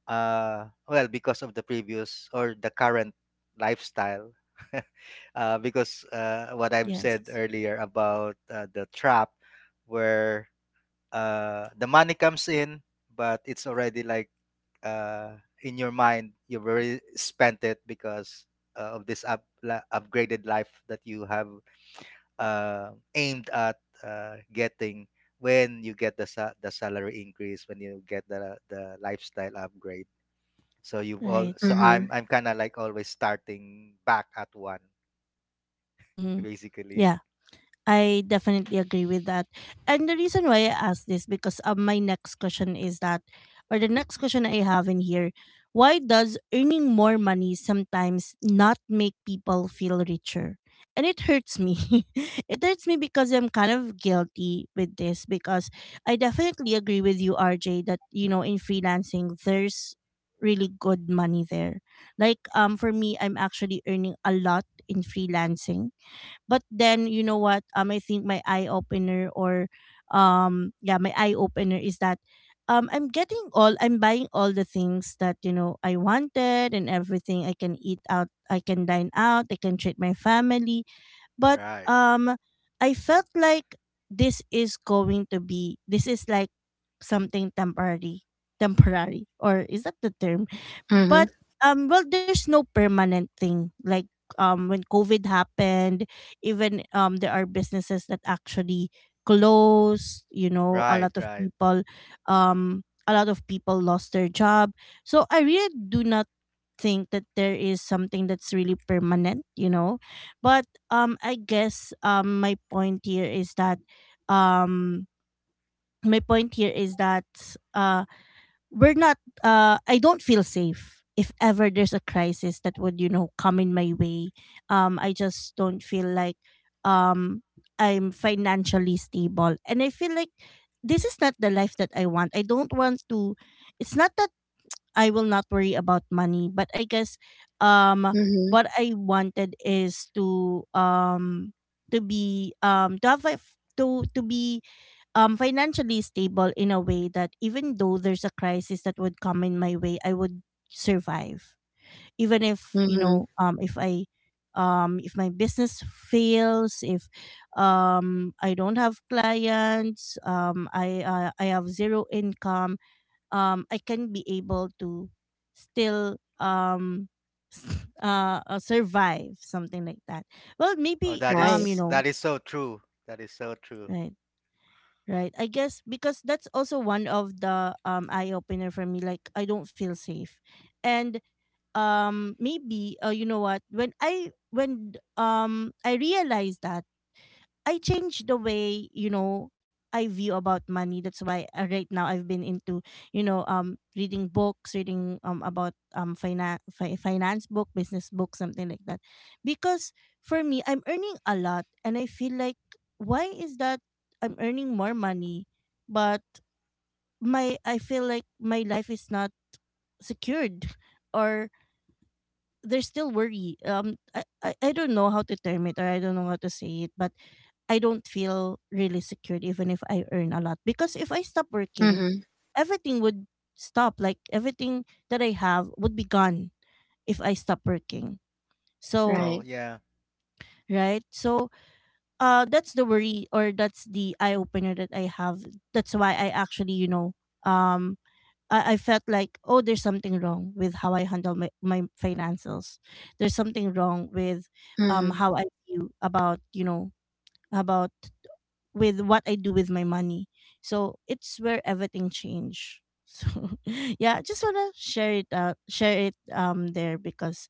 C: Well, because of the previous or the current lifestyle, because what I've
A: Yes.
C: said earlier about the trap, where the money comes in, but it's already like uh, in your mind you've already spent it, because of this upgraded life that you have aimed at getting when you get the the salary increase, when you get the lifestyle upgrade. So you've all,
A: Right.
B: Mhm.
C: so I'm
B: Mhm.
C: I'm kind of like always starting back at one
A: Mm-hmm.
C: basically.
A: Yeah. I definitely agree with that. And the reason why I asked this, because my next question is that, or the next question I have in here, why does earning more money sometimes not make people feel richer? And it hurts me. It hurts me because I'm kind of guilty with this, because I definitely agree with you, RJ, that in freelancing there's really good money there. Like for me, I'm actually earning a lot in freelancing, but then you know what? I think my eye opener, or yeah, my eye opener is that I'm getting all I'm buying all the things that I wanted, and everything. I can eat out, I can dine out, I can treat my family. But
C: Right.
A: um I felt like, this is going to be this is like something temporary, or is that the term?
B: Mhm.
A: But well, there's no permanent thing. Like when COVID happened, even there are businesses that actually closed, you know,
C: Right, right.
A: a lot of people lost their job. So I really do not think that there is something that's really permanent. But I guess um my point here is that, uh we're not I don't feel safe if ever there's a crisis that would come in my way. I just don't feel like um I'm financially stable, and I feel like this is not the life that I want. I don't want to It's not that I will not worry about money. But I guess um
B: Mhm.
A: what I wanted is to be to have to be financially stable in a way that, even though there's a crisis that would come in my way, I would survive. Even if
B: Mhm.
A: if I if my business fails, if I don't have clients, I have zero income, I can be able to still survive, something like that. Well,
C: Oh,
A: maybe
B: Right.
A: you know,
C: that is so true. That is so true.
A: right? Right. I guess because that's also one of the eye opener for me, like I don't feel safe. And maybe, you know what, when I realized that, I changed the way, you know, I view about money. That's why, right now I've been into, reading books, reading about finance, finance book, business book, something like that. Because for me, I'm earning a lot and I feel like, why is that I'm earning more money, but my I feel like my life is not secured or there's still worry. I don't know how to term it, or I don't know how to say it, but I don't feel really secured even if I earn a lot. Because if I stop working,
B: Mhm.
A: everything would stop. Like everything that I have would be gone if I stop working. So,
C: Oh,
B: Right.
C: yeah.
A: right? So, that's the worry, or that's the eye opener that I have. That's why I actually, um, I felt like, oh, there's something wrong with how I handle my financials. There's something wrong with
B: Mhm.
A: how I feel about, with what I do with my money. So it's where everything changed. So yeah, I just wanna share it there, because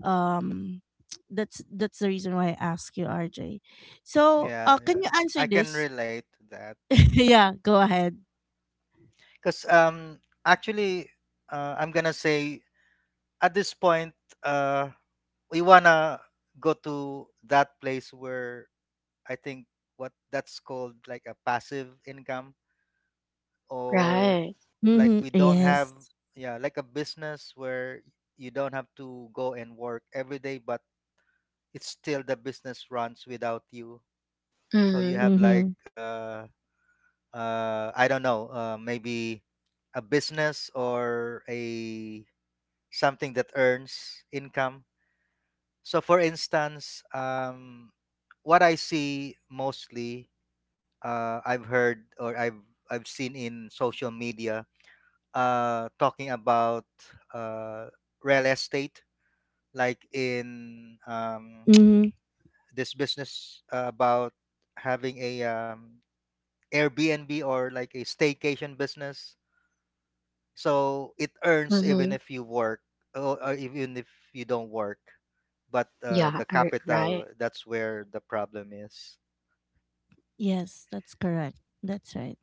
A: um that's the reason why I ask you, RJ. So
C: Yeah,
A: can
C: yeah.
A: you answer
C: I can
A: this?
C: relate to that.
A: Yeah, go ahead.
C: Cuz actually I'm going to say at this point uh we wanna go to that place where I think what that's called, like a passive income, or
B: Right.
C: like
A: Mm-hmm.
C: we don't have,
A: Yes.
C: yeah, like a business where you don't have to go and work every day but it's still the business runs without you, so you
B: Mhm.
C: have like
A: Mm-hmm.
C: I don't know, maybe a business or a something that earns income. So for instance, what I see mostly, I've heard or I've seen in social media, talking about uh, real estate, like in
A: Mm-hmm.
C: this business about having a Airbnb or like a staycation business. So it earns even
B: Mhm.
C: if you work, or even if you don't work. But
B: Yeah.
C: the capital,
B: Right.
C: that's where the problem is.
A: Yes, that's correct. That's right.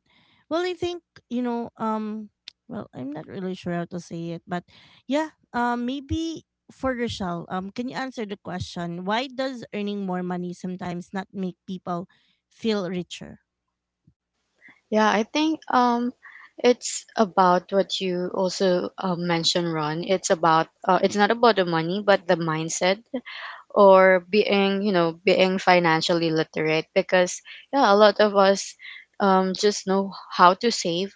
A: Well, I think, you know, um well, I'm not really sure how to say it, but yeah, maybe for Rochelle, can you answer the question, why does earning more money sometimes not make people feel richer?
B: Yeah, I think it's about what you also mentioned, Ron. It's about, it's not about the money, but the mindset, or being, financially literate, because yeah, a lot of us just know how to save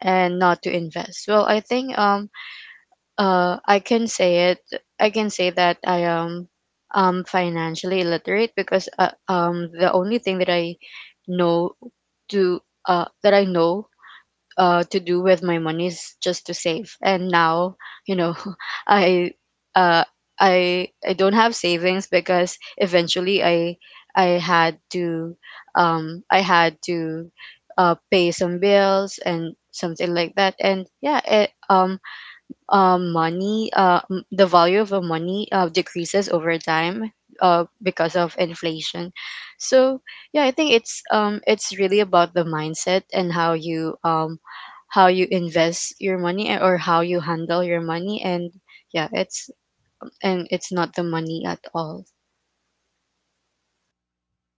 B: and not to invest. Well, I think uh I can say it I can say that I am financially illiterate, because the only thing that I know to that I know to do with my money is just to save. And now, you know, I uh, I don't have savings, because eventually I had to, um I had to pay some bills and something like that. And yeah, the value of a money decreases over time, because of inflation. So yeah, I think it's, it's really about the mindset, and how you, invest your money, or how you handle your money. And yeah, it's and it's not the money at all.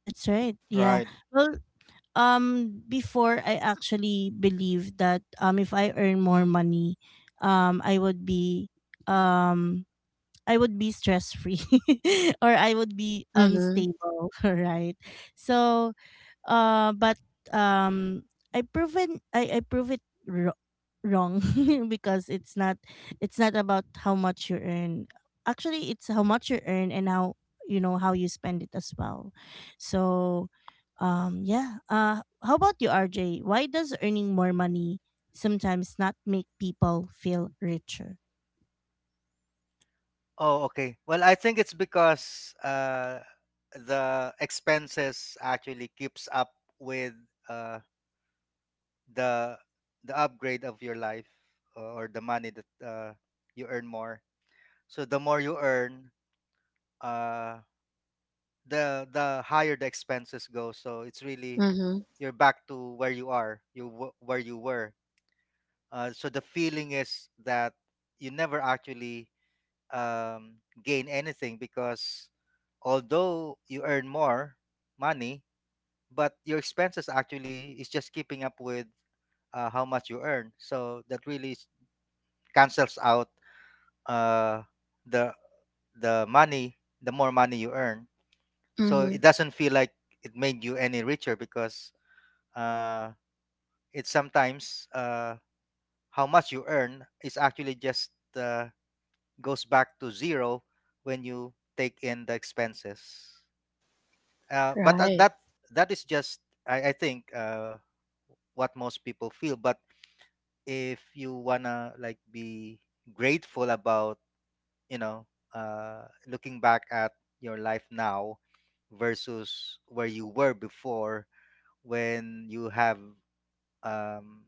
A: That's right. Yeah.
C: Right.
A: Well, before I actually believed that if I earn more money, um I would be um I would be stress free or I would be
B: Mm-hmm.
A: unstable, right? So, but um, I proven I prove it wrong because it's not about how much you earn. Actually, it's how much you earn and how you spend it as well. So, yeah. How about you, RJ? Why does earning more money sometimes not make people feel richer?
C: Oh, okay. Well, I think it's because the expenses actually keeps up with uh, the the upgrade of your life, or the money that you earn more. So the more you earn, uh, the higher the expenses go. So it's really
B: Mm-hmm.
C: you're back to where you are, where you were. So the feeling is that you never actually gain anything, because although you earn more money, but your expenses actually is just keeping up with how much you earn. So that really cancels out uh, the the money, the more money you earn. So
B: Mm-hmm.
C: it doesn't feel like it made you any richer, because uh, it's sometimes how much you earn is actually just uh, goes back to zero when you take in the expenses. But
B: Right.
C: that that is just I think what most people feel. But if you wanna like be grateful about, you know, looking back at your life now versus where you were before, when you have um,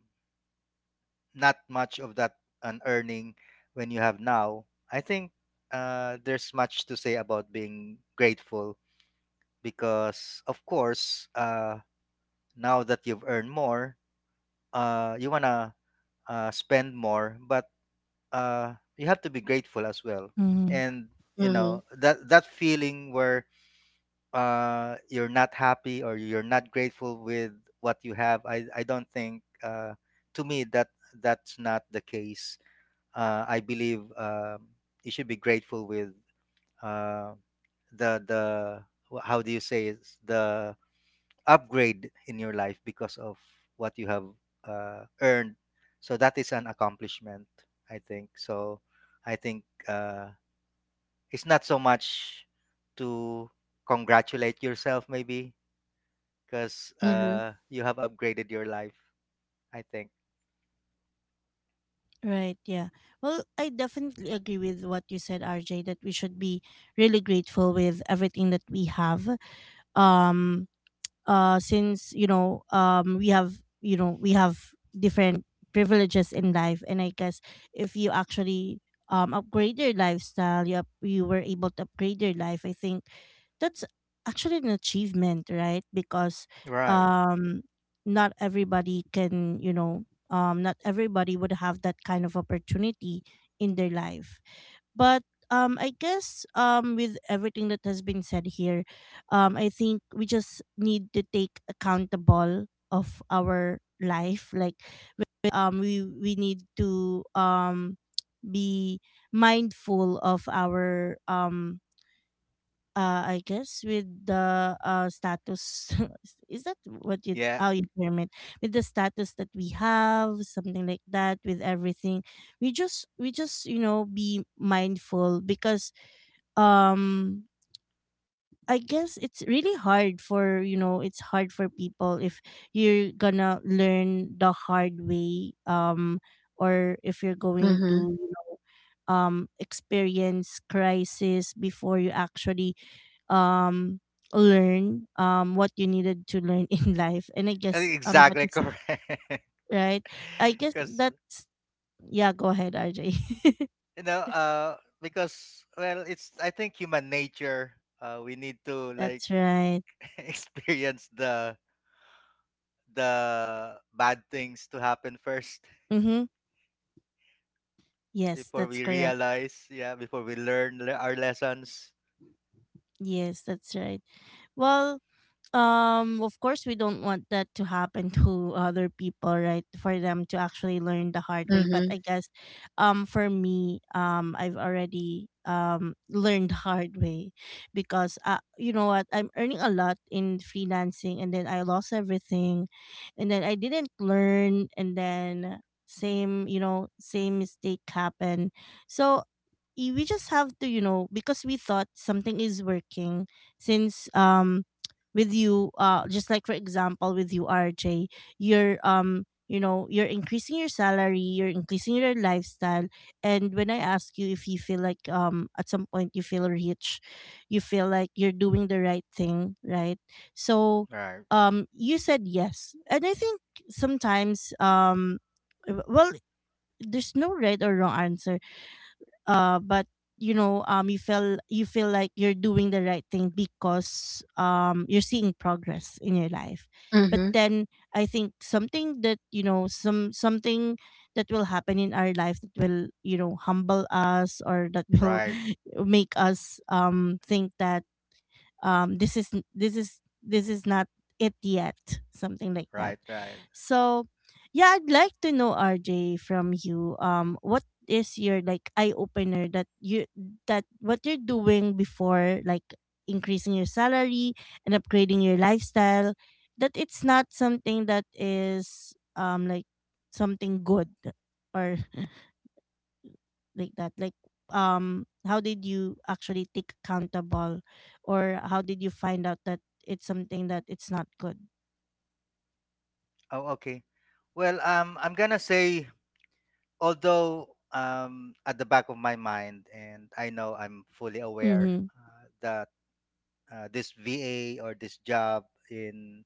C: not much of that an earning, when you have now, I think there's much to say about being grateful, because of course. Now that you've earned more, you wanna spend more, but you have to be grateful as well. And you
B: Mm-hmm.
C: know that that feeling where you're not happy or you're not grateful with what you have, I don't think to me that that's not the case. I believe you should be grateful with uh, the how do you say it? The upgrade in your life because of what you have earned. So that is an accomplishment, I think. So I think it's not so much to congratulate yourself, maybe, because
B: Mm-hmm.
C: you have upgraded your life, I think.
A: Right, yeah. Well, I definitely agree with what you said, RJ, that we should be really grateful with everything that we have. Um since we have different privileges in life. And I guess if you actually upgrade your lifestyle, you were able to upgrade your life, I think that's actually an achievement, right? Because
C: Right.
A: um not everybody can, not everybody would have that kind of opportunity in their life. But I guess with everything that has been said here, I think we just need to take accountable of our life, like with we need to be mindful of our I guess with the status, is that what you,
C: Yeah.
A: how you term it, with the status that we have, something like that. With everything, we just be mindful, because um I guess it's really hard for you know it's hard for people if you're gonna learn the hard way, or if you're going
B: Mm-hmm.
A: to experience crisis before you actually um learn what you needed to learn in life. And I guess that
C: Exactly.
A: is
C: Correct.
A: right. I guess
C: Because
A: that's Yeah, go ahead, RJ.
C: you know, because well, it's I think human nature. We need to like
A: That's right.
C: experience the bad things to happen first
A: Mm-hmm. Yes,
C: before
A: that's
C: we
A: correct.
C: realize, yeah, before we learn our lessons.
A: Yes, that's right. Well, of course we don't want that to happen to other people, right? For them to actually learn the hard way. But
B: Mm-hmm.
A: I guess for me, I've already learned hard way. Because, you know what, I'm earning a lot in freelancing and then I lost everything, and then I didn't learn, and then same, same mistake happened. So we just have to, because we thought something is working, since with you, just like for example with you, RJ, you're um you're increasing your salary, you're increasing your lifestyle. And when I ask you if you feel like, at some point you feel rich, you feel like you're doing the right thing, right? So,
C: Right,
A: you said yes. And I think sometimes, well, there's no right or wrong answer, but you feel like you're doing the right thing, because you're seeing progress in your life. But
B: Mm-hmm.
A: then I think something that, something that will happen in our life, that will humble us, or that will
C: right,
A: make us think that this is not it yet, something like that.
C: right, right.
A: So yeah, I'd like to know, RJ, from you, what is your like eye opener, that what you're doing before, like increasing your salary and upgrading your lifestyle, that it's not something that is like something good, or like that, like how did you actually take accountable, or how did you find out that it's something that it's not good.
C: Oh, okay. Well, I'm gonna say, although at the back of my mind, and I know I'm fully aware
A: Mm-hmm.
C: that this VA or this job in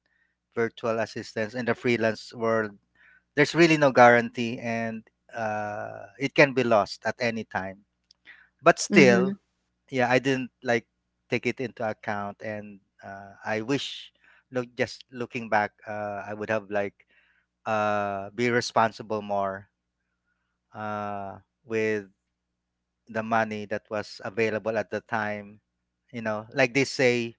C: virtual assistance in the freelance world, there's really no guarantee, and it can be lost at any time. But
B: Mm-hmm.
C: still, yeah, I didn't like take it into account, and I wish, look, just looking back, I would have like be responsible more uh, with the money that was available at the time. You know, like they say,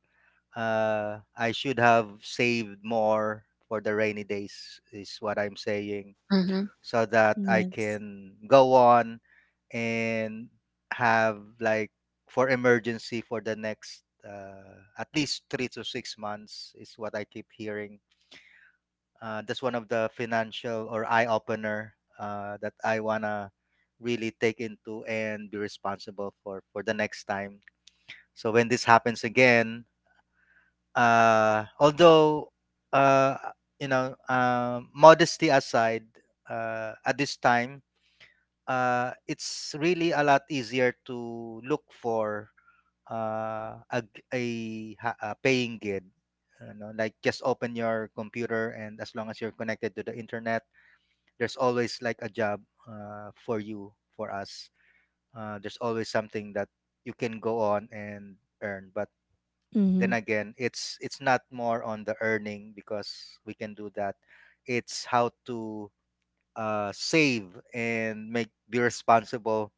C: I should have saved more for the rainy days, is what I'm saying,
B: Mm-hmm.
C: so that I
A: Yes.
C: can go on and have, like for emergency for the next at least three to six months is what I keep hearing. That's one of the financial or eye opener that I wanna really take into and be responsible for the next time. So when this happens again, although uh, you know, modesty aside, at this time it's really a lot easier to look for a, g- a, ha- a paying gig. You know, like just open your computer, and as long as you're connected to the internet, there's always like a job for you, for us. There's always something that you can go on and earn. But then
A: Mm-hmm.
C: again, it's not more on the earning, because we can do that. It's how to save and make be responsible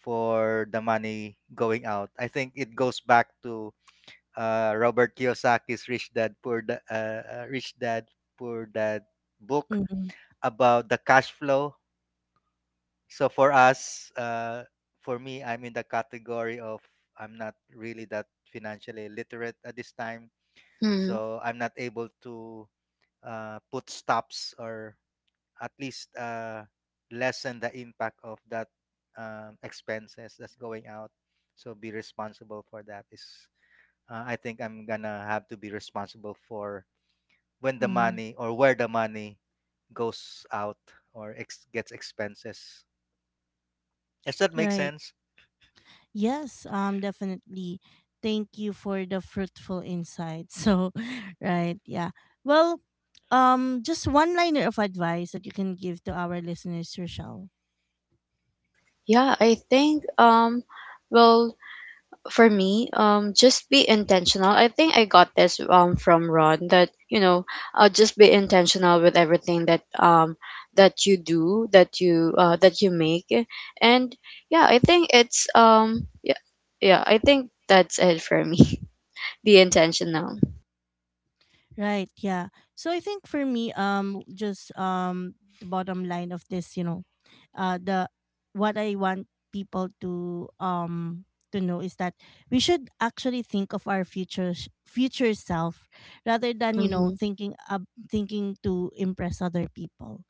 C: for the money going out. I think it goes back to Robert Kiyosaki's Rich Dad Poor Dad, Rich Dad Poor Dad book
A: Mm-hmm.
C: about the cash flow. So for us, for me, I'm in the category of I'm not really that financially literate at this time,
B: Mm-hmm.
C: so I'm not able to put stops or at least lessen the impact of that expenses that's going out. So be responsible for that. Is I think I'm gonna have to be responsible for when the
A: Mm-hmm.
C: money or where the money goes out or gets expenses. Does that make
A: Right.
C: sense?
A: Yes, definitely. Thank you for the fruitful insight. So, right, yeah. Well, just one liner of advice that you can give to our listeners, Rochelle.
B: Yeah, I think well, for me, just be intentional. I think I got this from Ron, that just be intentional with everything that you do, that you make. And yeah, I think it's yeah, yeah, I think that's it for me. Be intentional.
A: Right, yeah. So I think for me, just the bottom line of this, the what I want people to know is that we should actually think of our future future self, rather than,
B: Mm-hmm.
A: thinking, thinking to impress other people.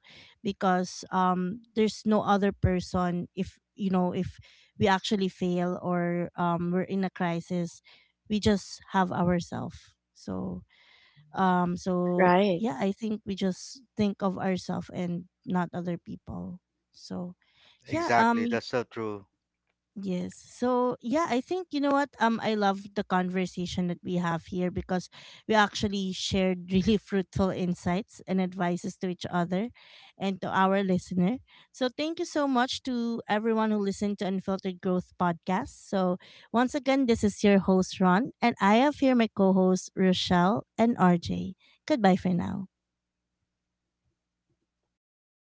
A: Because there's no other person if, if we actually fail, or we're in a crisis, we just have ourselves. So so
B: Right.
A: yeah, I think we just think of ourselves and not other people. So yeah,
C: Exactly. That's so true.
A: yes. So yeah, I think, you know what? I love the conversation that we have here, because we actually shared really fruitful insights and advices to each other and to our listener. So thank you so much to everyone who listened to Unfiltered Growth Podcast. So once again, this is your host Ron, and I have here my co-hosts Rochelle and RJ. Goodbye for now.